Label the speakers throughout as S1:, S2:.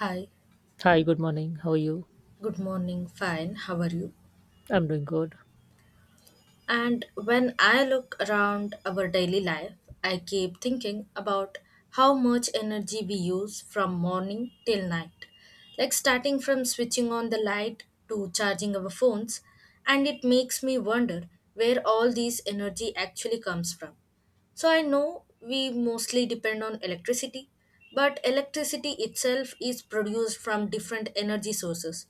S1: Hi,
S2: Hi, good morning. How are you?
S1: good morning, fine, how are you?
S2: I'm doing good.
S1: And when I look around our daily life, I keep thinking about how much energy we use from morning till night. Like starting from switching on the light to charging our phones, and it makes me wonder where all this energy actually comes from. So I know we mostly depend on electricity, but electricity itself is produced from different energy sources,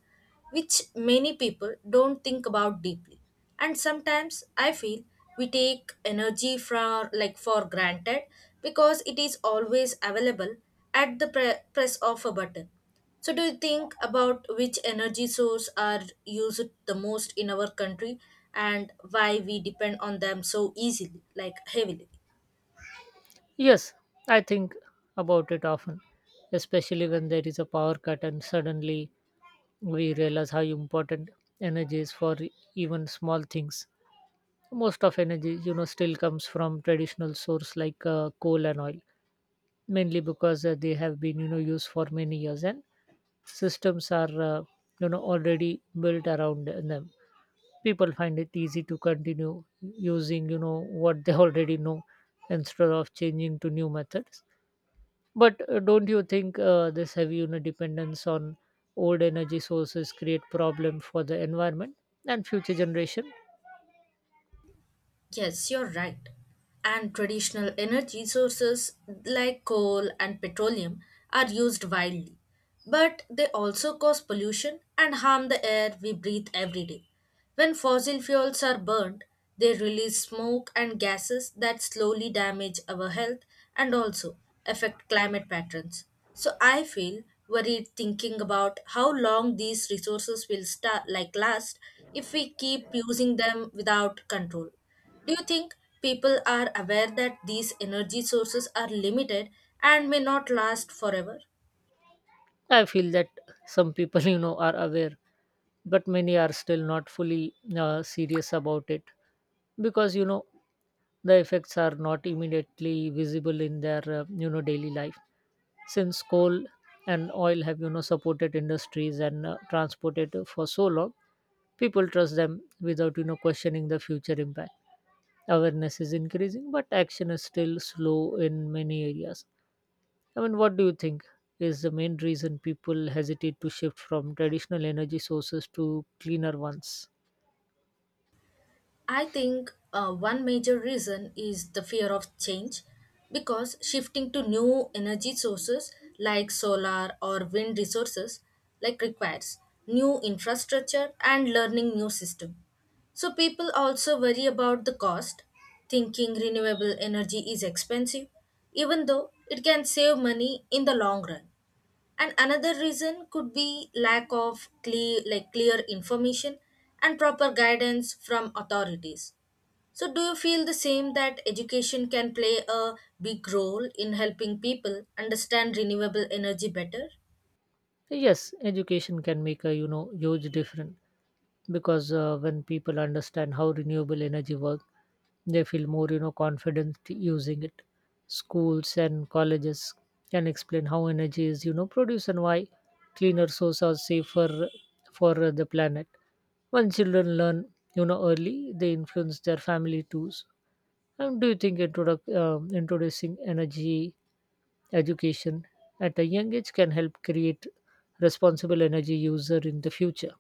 S1: which many people don't think about deeply. And sometimes I feel we take energy for granted because it is always available at the press of a button. So do you think about which energy source are used the most in our country and why we depend on them so easily like heavily?
S2: Yes, I think about it often, especially when there is a power cut and suddenly we realize how important energy is for even small things. Most of energy, still comes from traditional source like coal and oil, mainly because they have been, used for many years and systems are, already built around them. People find it easy to continue using what they already know instead of changing to new methods. But don't you think this heavy, dependence on old energy sources create problem for the environment and future generation?
S1: Yes, you're right. And traditional energy sources like coal and petroleum are used widely. But they also cause pollution and harm the air we breathe every day. When fossil fuels are burned, they release smoke and gases that slowly damage our health and also affect climate patterns. So I feel worried thinking about how long these resources will sta like last if we keep using them without control. Do you think people are aware that these energy sources are limited and may not last forever?
S2: I feel that some people are aware, but many are still not fully serious about it because the effects are not immediately visible in their daily life. Since coal and oil have, supported industries and transported for so long, people trust them without, questioning the future impact. Awareness is increasing, but action is still slow in many areas. I mean, what do you think is the main reason people hesitate to shift from traditional energy sources to cleaner ones?
S1: I think one major reason is the fear of change because shifting to new energy sources like solar or wind resources requires new infrastructure and learning new system. So people also worry about the cost, thinking renewable energy is expensive, even though it can save money in the long run. And another reason could be lack of clear information and proper guidance from authorities. So do you feel the same, that education can play a big role in helping people understand renewable energy better?
S2: Yes, education can make a, huge difference, because when people understand how renewable energy works, they feel more, confident using it. Schools and colleges can explain how energy is, produced and why cleaner sources are safer for the planet. When children learn, early, they influence their family too. And do you think introducing energy education at a young age can help create responsible energy user in the future?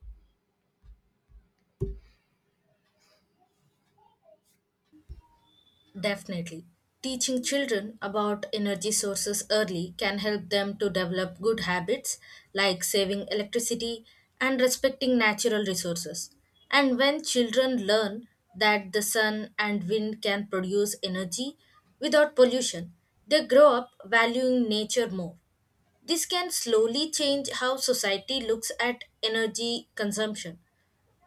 S1: Definitely. Teaching children about energy sources early can help them to develop good habits like saving electricity and respecting natural resources. And when children learn that the sun and wind can produce energy without pollution, they grow up valuing nature more. This can slowly change how society looks at energy consumption.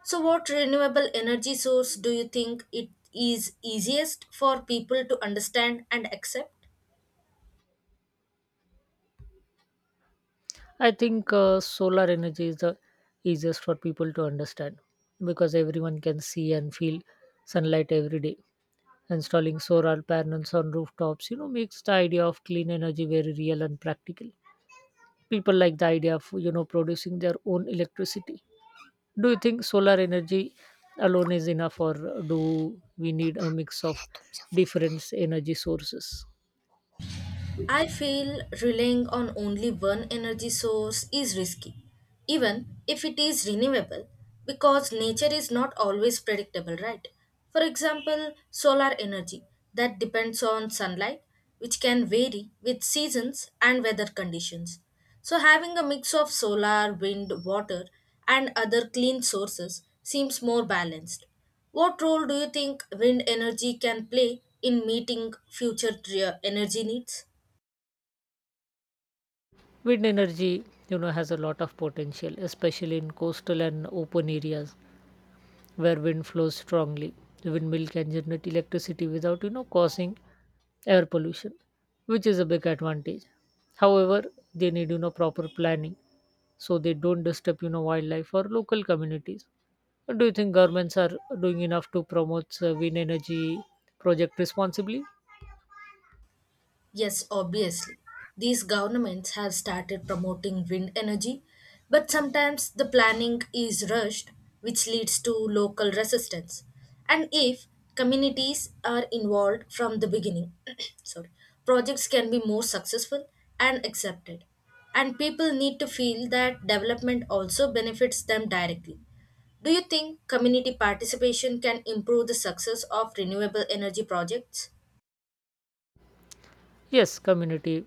S1: So, what renewable energy source do you think it is easiest for people to understand and accept?
S2: I think solar energy is the easiest for people to understand because everyone can see and feel sunlight every day. Installing solar panels on rooftops, you know, makes the idea of clean energy very real and practical. People like the idea of, you know, producing their own electricity. Do you think solar energy alone is enough, or do we need a mix of different energy sources?
S1: I feel relying on only one energy source is risky, even if it is renewable, because nature is not always predictable, right? For example, solar energy that depends on sunlight, which can vary with seasons and weather conditions. So, having a mix of solar, wind, water, and other clean sources seems more balanced. What role do you think wind energy can play in meeting future energy needs?
S2: Wind energy, you know, has a lot of potential, especially in coastal and open areas where wind flows strongly. The windmill can generate electricity without, you know, causing air pollution, which is a big advantage. However, they need, you know, proper planning so they don't disturb, you know, wildlife or local communities. Do you think governments are doing enough to promote wind energy project responsibly?
S1: Yes, obviously. These governments have started promoting wind energy, but sometimes the planning is rushed, which leads to local resistance. And if communities are involved from the beginning, sorry, projects can be more successful and accepted. And people need to feel that development also benefits them directly. Do you think community participation can improve the success of renewable energy projects?
S2: Yes, community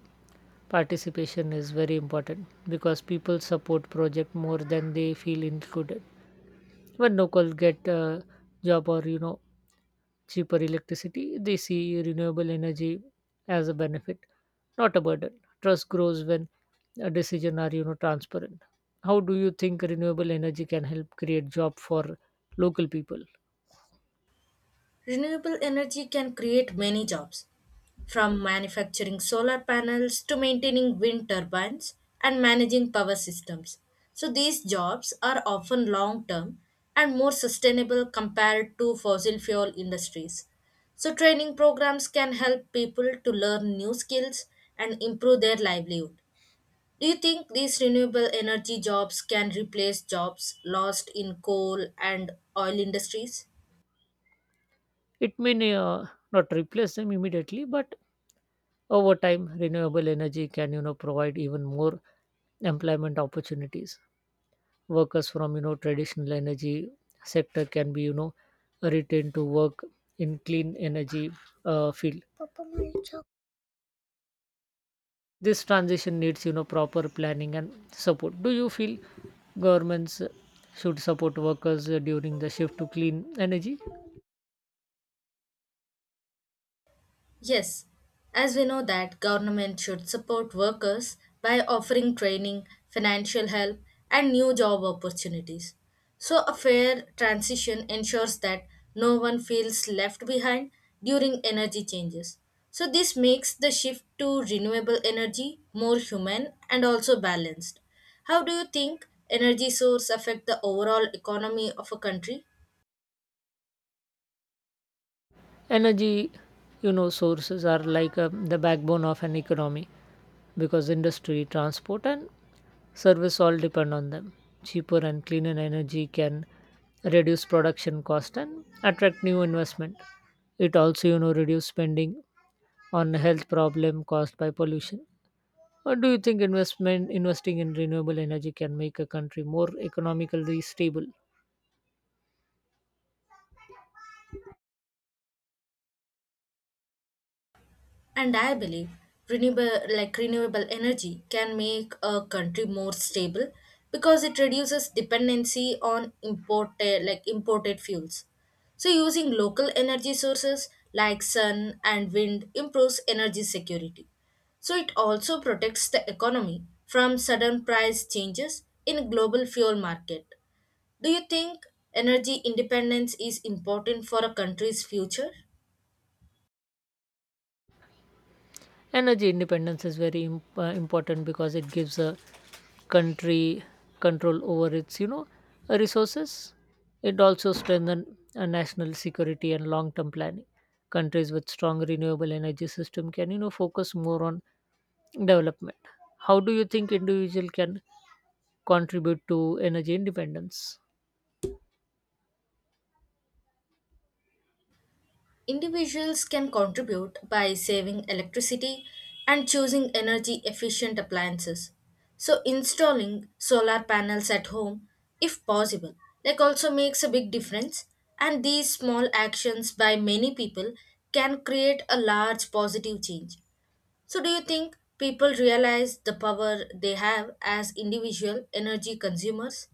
S2: participation is very important because people support project more than they feel included. When locals get a job or, cheaper electricity, they see renewable energy as a benefit, not a burden. Trust grows when a decision are, transparent. How do you think renewable energy can help create job for local people?
S1: Renewable energy can create many jobs, from manufacturing solar panels to maintaining wind turbines and managing power systems. So, these jobs are often long term and more sustainable compared to fossil fuel industries. So, training programs can help people to learn new skills and improve their livelihood. Do you think these renewable energy jobs can replace jobs lost in coal and oil industries?
S2: It may not replace them immediately, but over time, renewable energy can, provide even more employment opportunities. Workers from, traditional energy sector can be, retained to work in clean energy field. This transition needs, proper planning and support. Do you feel governments should support workers during the shift to clean energy?
S1: Yes, as we know that government should support workers by offering training, financial help, and new job opportunities. So a fair transition ensures that no one feels left behind during energy changes. So this makes the shift to renewable energy more human and also balanced. How do you think energy source affect the overall economy of a country?
S2: Energy, sources are like the backbone of an economy because industry transport and service all depend on them. Cheaper and cleaner energy can reduce production cost and attract new investment. It also, reduce spending on health problem caused by pollution. Or do you think investment investing in renewable energy can make a country more economically stable?
S1: And I believe renewable energy can make a country more stable because it reduces dependency on imported fuels. So using local energy sources like sun and wind improves energy security. So it also protects the economy from sudden price changes in global fuel market. Do you think energy independence is important for a country's future?
S2: Energy independence is very important because it gives a country control over its, resources. It also strengthens national security and long term planning. Countries with strong renewable energy system can, focus more on development. How do you think individual can contribute to energy independence?
S1: Individuals can contribute by saving electricity and choosing energy efficient appliances. So, installing solar panels at home, if possible, like also makes a big difference. And these small actions by many people can create a large positive change. So, do you think people realize the power they have as individual energy consumers?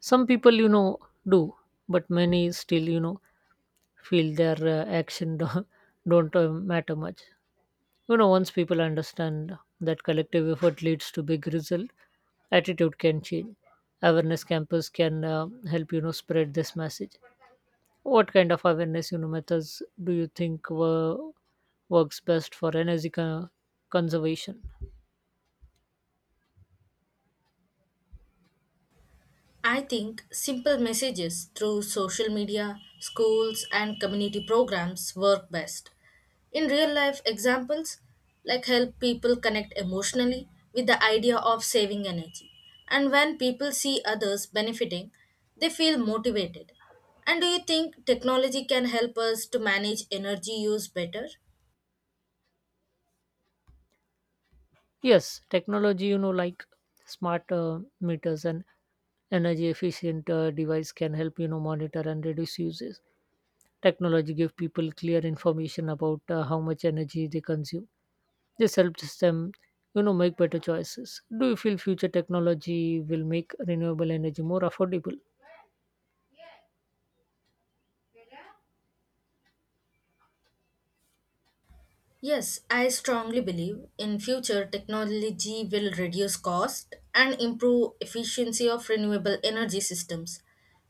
S2: Some people, do, but many still, feel their action don't, don't matter much. You know, once people understand that collective effort leads to big result, attitude can change. Awareness campus can help, spread this message. What kind of awareness, methods do you think were works best for energy conservation?
S1: I think simple messages through social media, schools, and community programs work best. In real life examples, like help people connect emotionally with the idea of saving energy. And when people see others benefiting, they feel motivated. And do you think technology can help us to manage energy use better?
S2: Yes, technology, like smart meters and energy efficient device can help, monitor and reduce uses. Technology give people clear information about how much energy they consume. This helps them, you know, make better choices. Do you feel future technology will make renewable energy more affordable?
S1: Yes, I strongly believe in future technology will reduce cost and improve efficiency of renewable energy systems.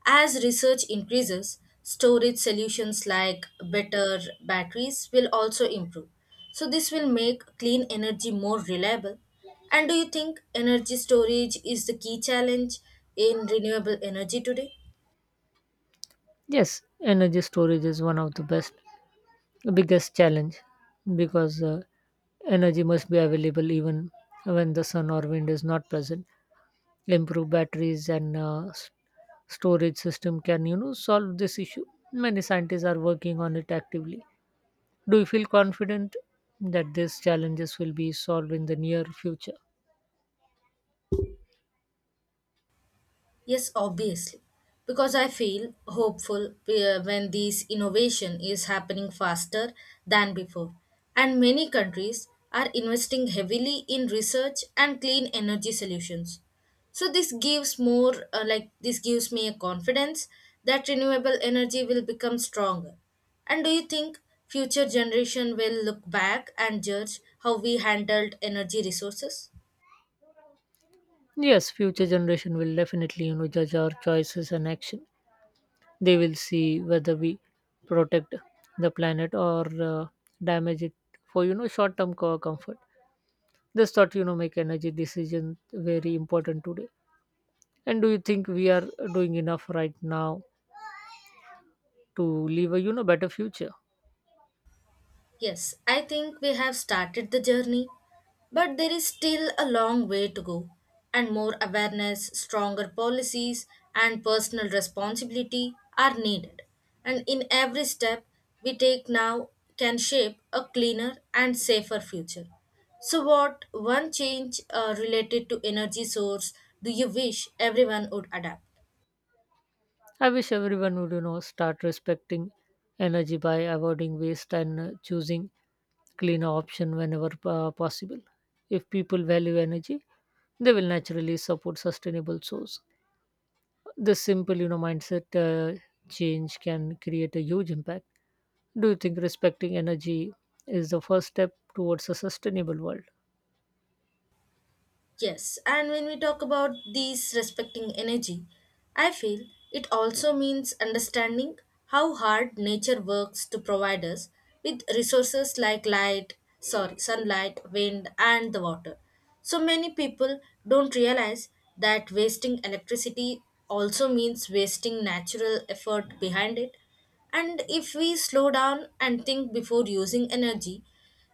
S1: As research increases, storage solutions like better batteries will also improve. So this will make clean energy more reliable. And do you think energy storage is the key challenge in renewable energy today?
S2: Yes, energy storage is one of the biggest challenge because energy must be available even when the sun or wind is not present. Improved batteries and storage system can, you know, solve this issue. Many scientists are working on it actively. Do you feel confident that these challenges will be solved in the near future?
S1: Yes, obviously, because I feel hopeful when this innovation is happening faster than before. And many countries are investing heavily in research and clean energy solutions. So this gives me a confidence that renewable energy will become stronger. And do you think future generation will look back and judge how we handled energy resources?
S2: Yes, future generation will definitely, you know, judge our choices and action. They will see whether we protect the planet or damage it for, you know, short-term comfort. This thought, you know, make energy decision very important today. And do you think we are doing enough right now to leave a, you know, better future?
S1: Yes, I think we have started the journey, but there is still a long way to go. And more awareness, stronger policies, and personal responsibility are needed. And in every step we take now can shape a cleaner and safer future. So, what one change related to energy source do you wish everyone would adapt?
S2: I wish everyone would, you know, start respecting energy by avoiding waste and choosing cleaner option whenever possible. If people value energy, they will naturally support sustainable source. This simple, you know, mindset change can create a huge impact. Do you think respecting energy is the first step towards a sustainable world?
S1: Yes, and when we talk about these respecting energy, I feel it also means understanding how hard nature works to provide us with resources like sunlight, wind, and the water. So many people don't realize that wasting electricity also means wasting natural effort behind it. And if we slow down and think before using energy,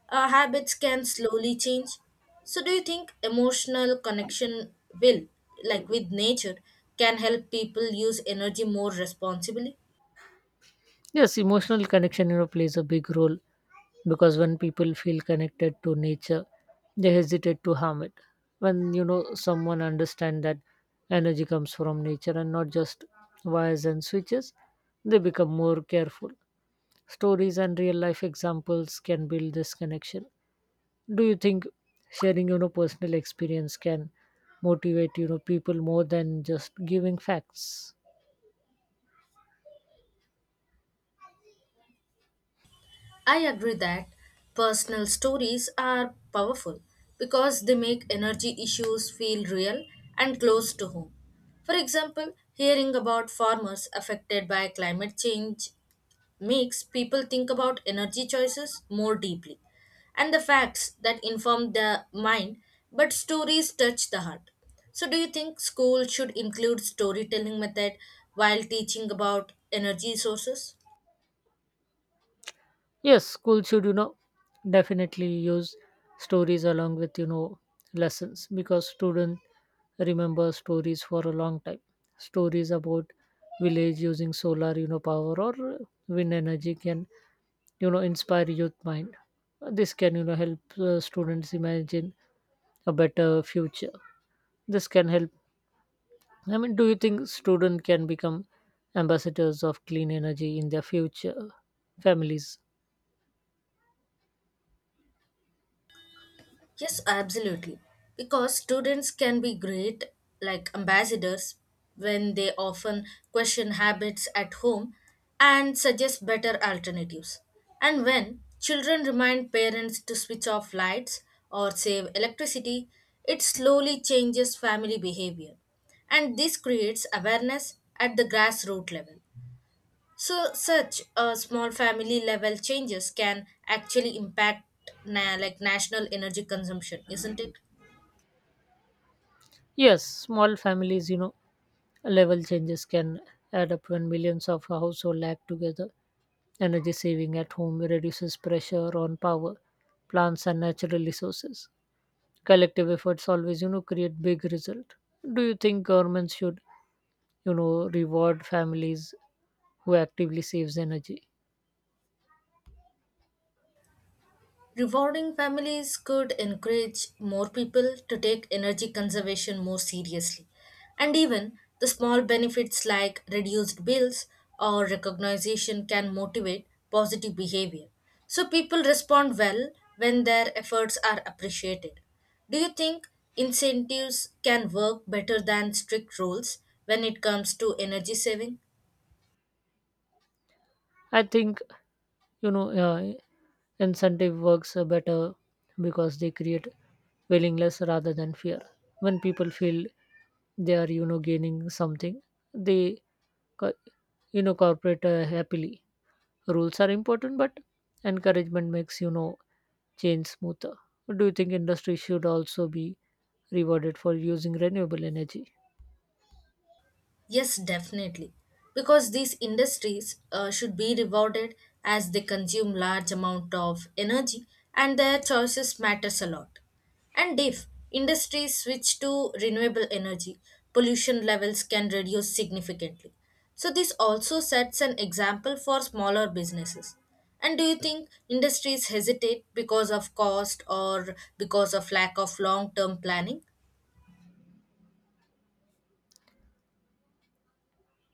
S1: our habits can slowly change. So do you think emotional connection will like with nature can help people use energy more responsibly?
S2: Yes, emotional connection, plays a big role because when people feel connected to nature, they hesitate to harm it. When, someone understand that energy comes from nature and not just wires and switches, they become more careful. Stories and real life examples can build this connection. Do you think sharing, personal experience can motivate, people more than just giving facts?
S1: I agree that personal stories are powerful because they make energy issues feel real and close to home. For example, hearing about farmers affected by climate change makes people think about energy choices more deeply, and the facts that inform the mind, but stories touch the heart. So, do you think school should include storytelling method while teaching about energy sources?
S2: Yes, schools should, you know, definitely use stories along with, you know, lessons because students remember stories for a long time. Stories about village using solar, you know, power or wind energy can, you know, inspire youth mind. This can, you know, help students imagine a better future. This can help. I mean, do you think students can become ambassadors of clean energy in their future families?
S1: Yes, absolutely. Because students can be great, like ambassadors, when they often question habits at home and suggest better alternatives. And when children remind parents to switch off lights or save electricity, it slowly changes family behavior. And this creates awareness at the grassroots level. So, such a small family level changes can actually impact national energy consumption, isn't it?
S2: Yes, small families, you know, level changes can add up when millions of households act together. Energy saving at home reduces pressure on power, plants, and natural resources. Collective efforts always, you know, create big result. Do you think governments should, you know, reward families who actively saves energy?
S1: Rewarding families could encourage more people to take energy conservation more seriously. And even the small benefits like reduced bills or recognition can motivate positive behavior. So people respond well when their efforts are appreciated. Do you think incentives can work better than strict rules when it comes to energy saving?
S2: I think, you know uh, incentive works better because they create willingness rather than fear. When people feel they are, gaining something, they co- you know cooperate happily. Rules are important, but encouragement makes, change smoother. Do you think industry should also be rewarded for using renewable energy?
S1: Yes, definitely. Because these industries should be rewarded as they consume large amount of energy and their choices matters a lot. And if industries switch to renewable energy, pollution levels can reduce significantly. So this also sets an example for smaller businesses. And do you think industries hesitate because of cost or because of lack of long-term planning?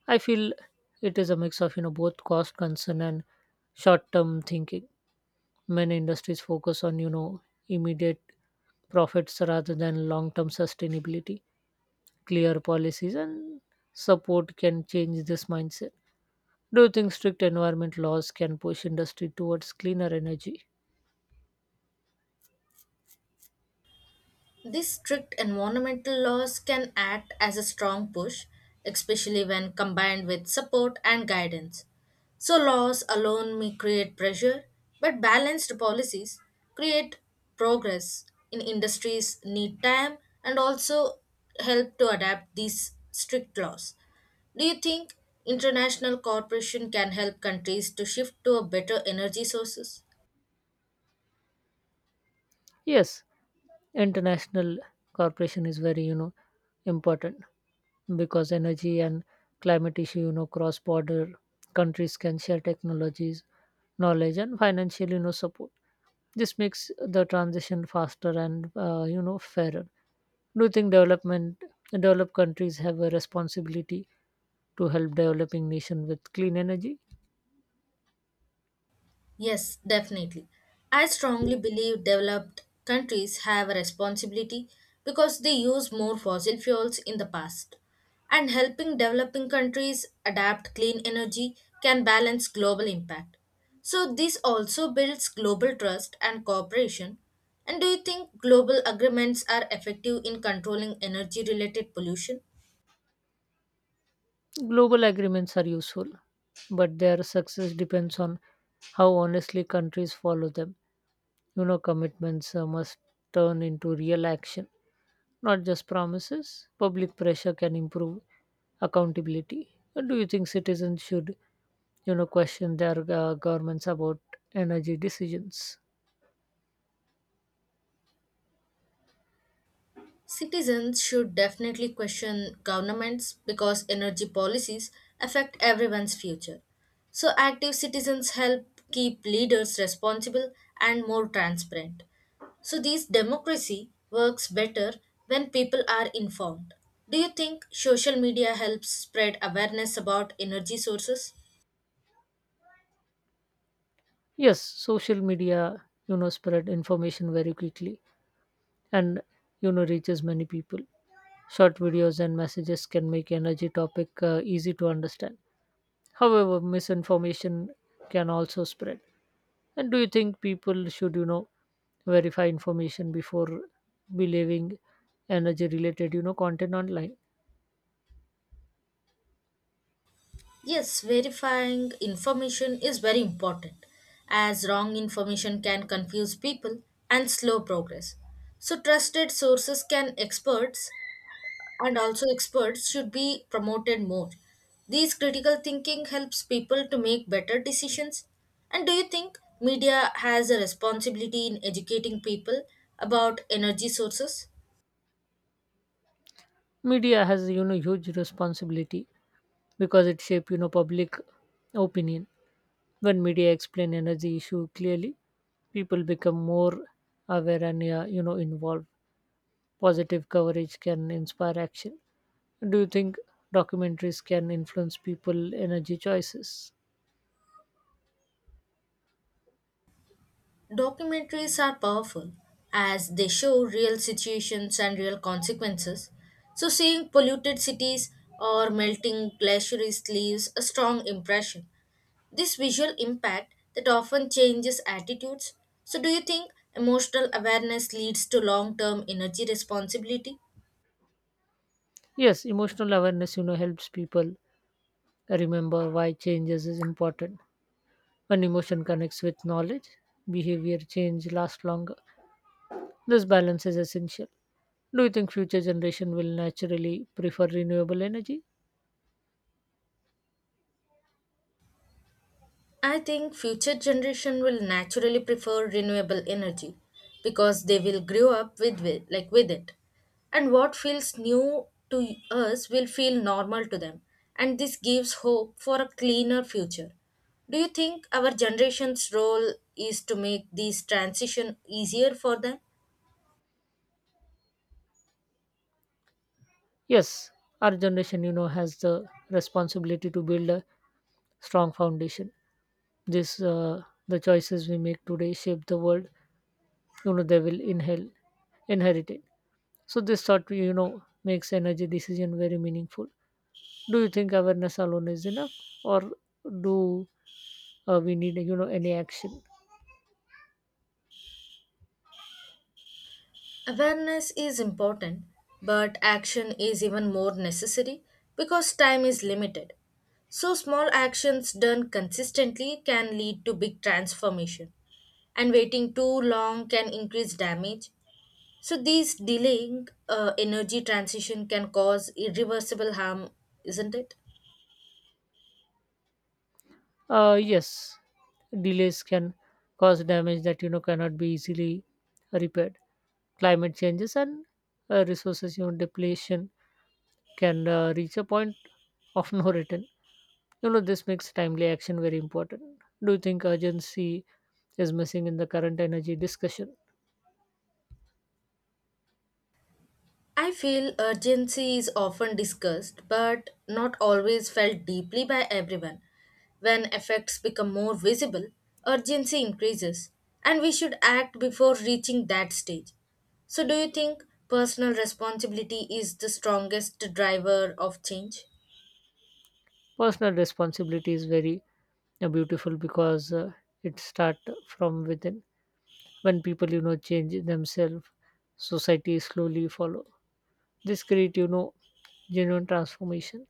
S2: I feel it is a mix of, both cost concern and short term thinking. Many industries focus on, immediate profits rather than long term sustainability. Clear policies and support can change this mindset. Do you think strict environment laws can push industry towards cleaner energy?
S1: These strict environmental laws can act as a strong push, especially when combined with support and guidance. So, laws alone may create pressure, but balanced policies create progress in industries need time and also help to adapt these strict laws. Do you think international cooperation can help countries to shift to a better energy sources?
S2: Yes, international cooperation is very, important because energy and climate issue, cross border. Countries can share technologies, knowledge, and financial, support. This makes the transition faster and, fairer. Do you think development developed countries have a responsibility to help developing nation with clean energy?
S1: Yes, definitely. I strongly believe developed countries have a responsibility because they use more fossil fuels in the past. And helping developing countries adapt clean energy can balance global impact. So, this also builds global trust and cooperation. And do you think global agreements are effective in controlling energy related pollution?
S2: Global agreements are useful, but their success depends on how honestly countries follow them. You know, commitments must turn into real action, not just promises. Public pressure can improve accountability. Do you think citizens should, you know, question their governments about energy decisions?
S1: Citizens should definitely question governments because energy policies affect everyone's future. So, active citizens help keep leaders responsible and more transparent. So, this democracy works better when people are informed. Do you think social media helps spread awareness about energy sources?
S2: Yes, social media, you know, spread information very quickly and, you know, reaches many people. Short videos and messages can make energy topic easy to understand. However, misinformation can also spread. And do you think people should, you know, verify information before believing energy related, you know, content online?
S1: Yes, verifying information is very important as wrong information can confuse people and slow progress. So trusted sources can experts and also experts should be promoted more. These critical thinking helps people to make better decisions. And do you think media has a responsibility in educating people about energy sources?
S2: Media has, you know, huge responsibility because it shape, you know, public opinion. When media explain energy issue clearly, people become more aware and involved. Positive coverage can inspire action. Do you think documentaries can influence people energy choices?
S1: Documentaries are powerful as they show real situations and real consequences. So, seeing polluted cities or melting glaciers leaves a strong impression. This visual impact that often changes attitudes. So, do you think emotional awareness leads to long term energy responsibility?
S2: Yes, emotional awareness, you know, helps people remember why changes is important. When emotion connects with knowledge, behavior change lasts longer. This balance is essential. Do you think future generation will naturally prefer renewable energy?
S1: I think future generation will naturally prefer renewable energy because they will grow up with it. And what feels new to us will feel normal to them. And this gives hope for a cleaner future. Do you think our generation's role is to make this transition easier for them?
S2: Yes, our generation, you know, has the responsibility to build a strong foundation. This the choices we make today shape the world. You know, they will inhale inherit it. So this thought, makes energy decision very meaningful. Do you think awareness alone is enough, or do we need, any action?
S1: Awareness is important, but action is even more necessary because time is limited. So, small actions done consistently can lead to big transformation, and waiting too long can increase damage. So, these delaying energy transition can cause irreversible harm, isn't it?
S2: Uh yes, delays can cause damage that, cannot be easily repaired. Climate changes and resources, depletion can reach a point of no return. You know, this makes timely action very important. Do you think urgency is missing in the current energy discussion?
S1: I feel urgency is often discussed, but not always felt deeply by everyone. When effects become more visible, urgency increases, and we should act before reaching that stage. So, do you think personal responsibility is the strongest driver of change?
S2: Personal responsibility is very beautiful because it start from within. When people, change themselves, society slowly follow. This create, genuine transformation.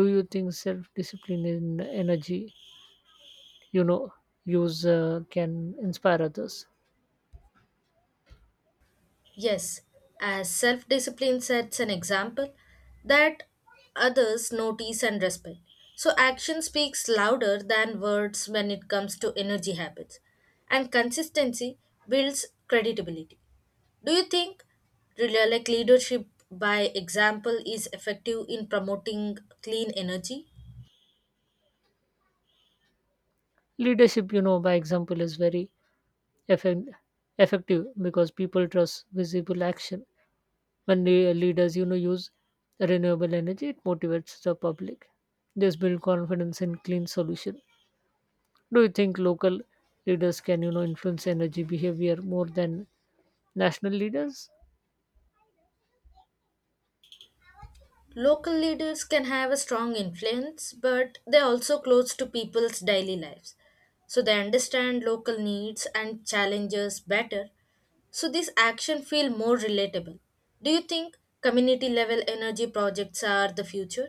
S2: Do you think self discipline and energy, you know use can inspire others?
S1: Yes, as self discipline sets an example that others notice and respect. So, action speaks louder than words when it comes to energy habits, and consistency builds credibility. Do you think leadership by example is effective in promoting clean energy?
S2: Leadership, by example is very effect- effective because people trust visible action. When the leaders, use renewable energy, it motivates the public. This build confidence in clean solution. Do you think local leaders can, influence energy behavior more than national leaders?
S1: Local leaders can have a strong influence, but they're also close to people's daily lives. So they understand local needs and challenges better. So this action feel more relatable. Do you think community level energy projects are the future?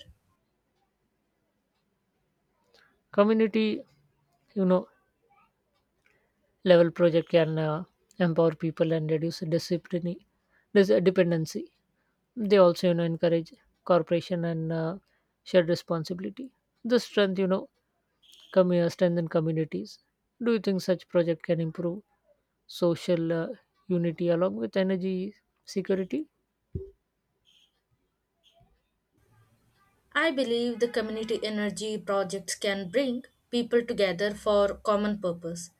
S2: Community, you know level project can empower people and reduce discipline this dependency. They also, encourage cooperation and shared responsibility. The strengthen communities. Do you think such project can improve social unity along with energy security?
S1: I believe the community energy projects can bring people together for common purpose,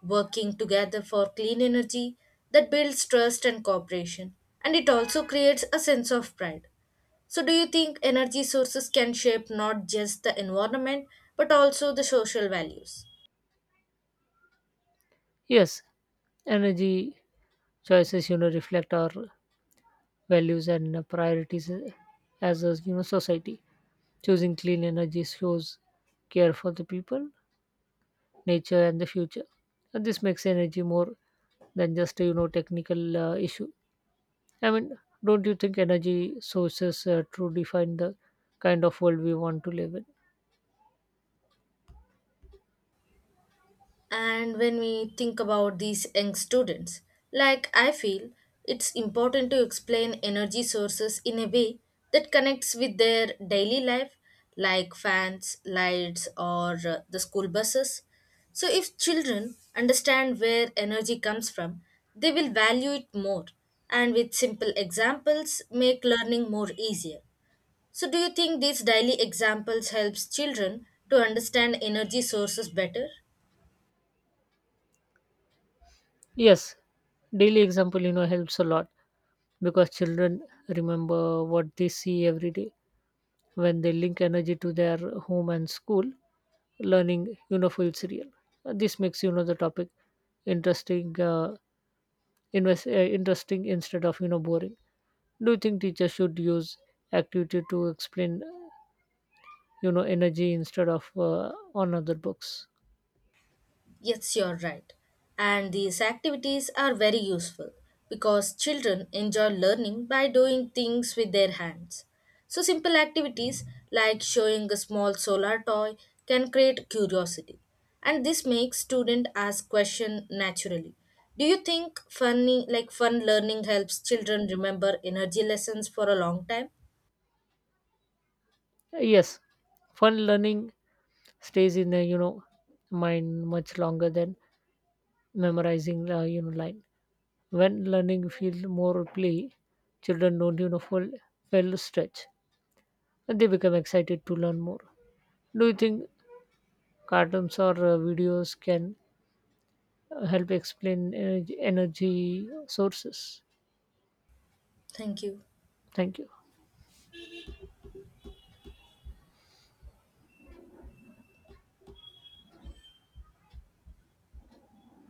S1: working together for clean energy that builds trust and cooperation, and it also creates a sense of pride. So, do you think energy sources can shape not just the environment but also the social values?
S2: Yes, energy choices, reflect our values and priorities as a, society. Choosing clean energy shows care for the people, nature, and the future. And this makes energy more than just a, you know technical issue. I mean, don't you think energy sources to define the kind of world we want to live in?
S1: And when we think about these young students, like I feel it's important to explain energy sources in a way that connects with their daily life, like fans, lights, or the school buses. So, if children understand where energy comes from, they will value it more and with simple examples make learning more easier. So do you think these daily examples helps children to understand energy sources better?
S2: Yes, daily example, helps a lot because children remember what they see every day. When they link energy to their home and school, learning, feels real. This makes, the topic interesting, interesting instead of, boring. Do you think teachers should use activity to explain, energy instead of on other books?
S1: Yes, you're right. And these activities are very useful because children enjoy learning by doing things with their hands. So simple activities like showing a small solar toy can create curiosity and this makes student ask question naturally. Do you think fun learning helps children remember energy lessons for a long time?
S2: Yes, fun learning stays in the, mind much longer than memorizing, line. When learning feels more play, children don't, fall fell stretch and they become excited to learn more. Do you think cartoons or videos can help explain energy sources?
S1: Thank you.
S2: Thank you.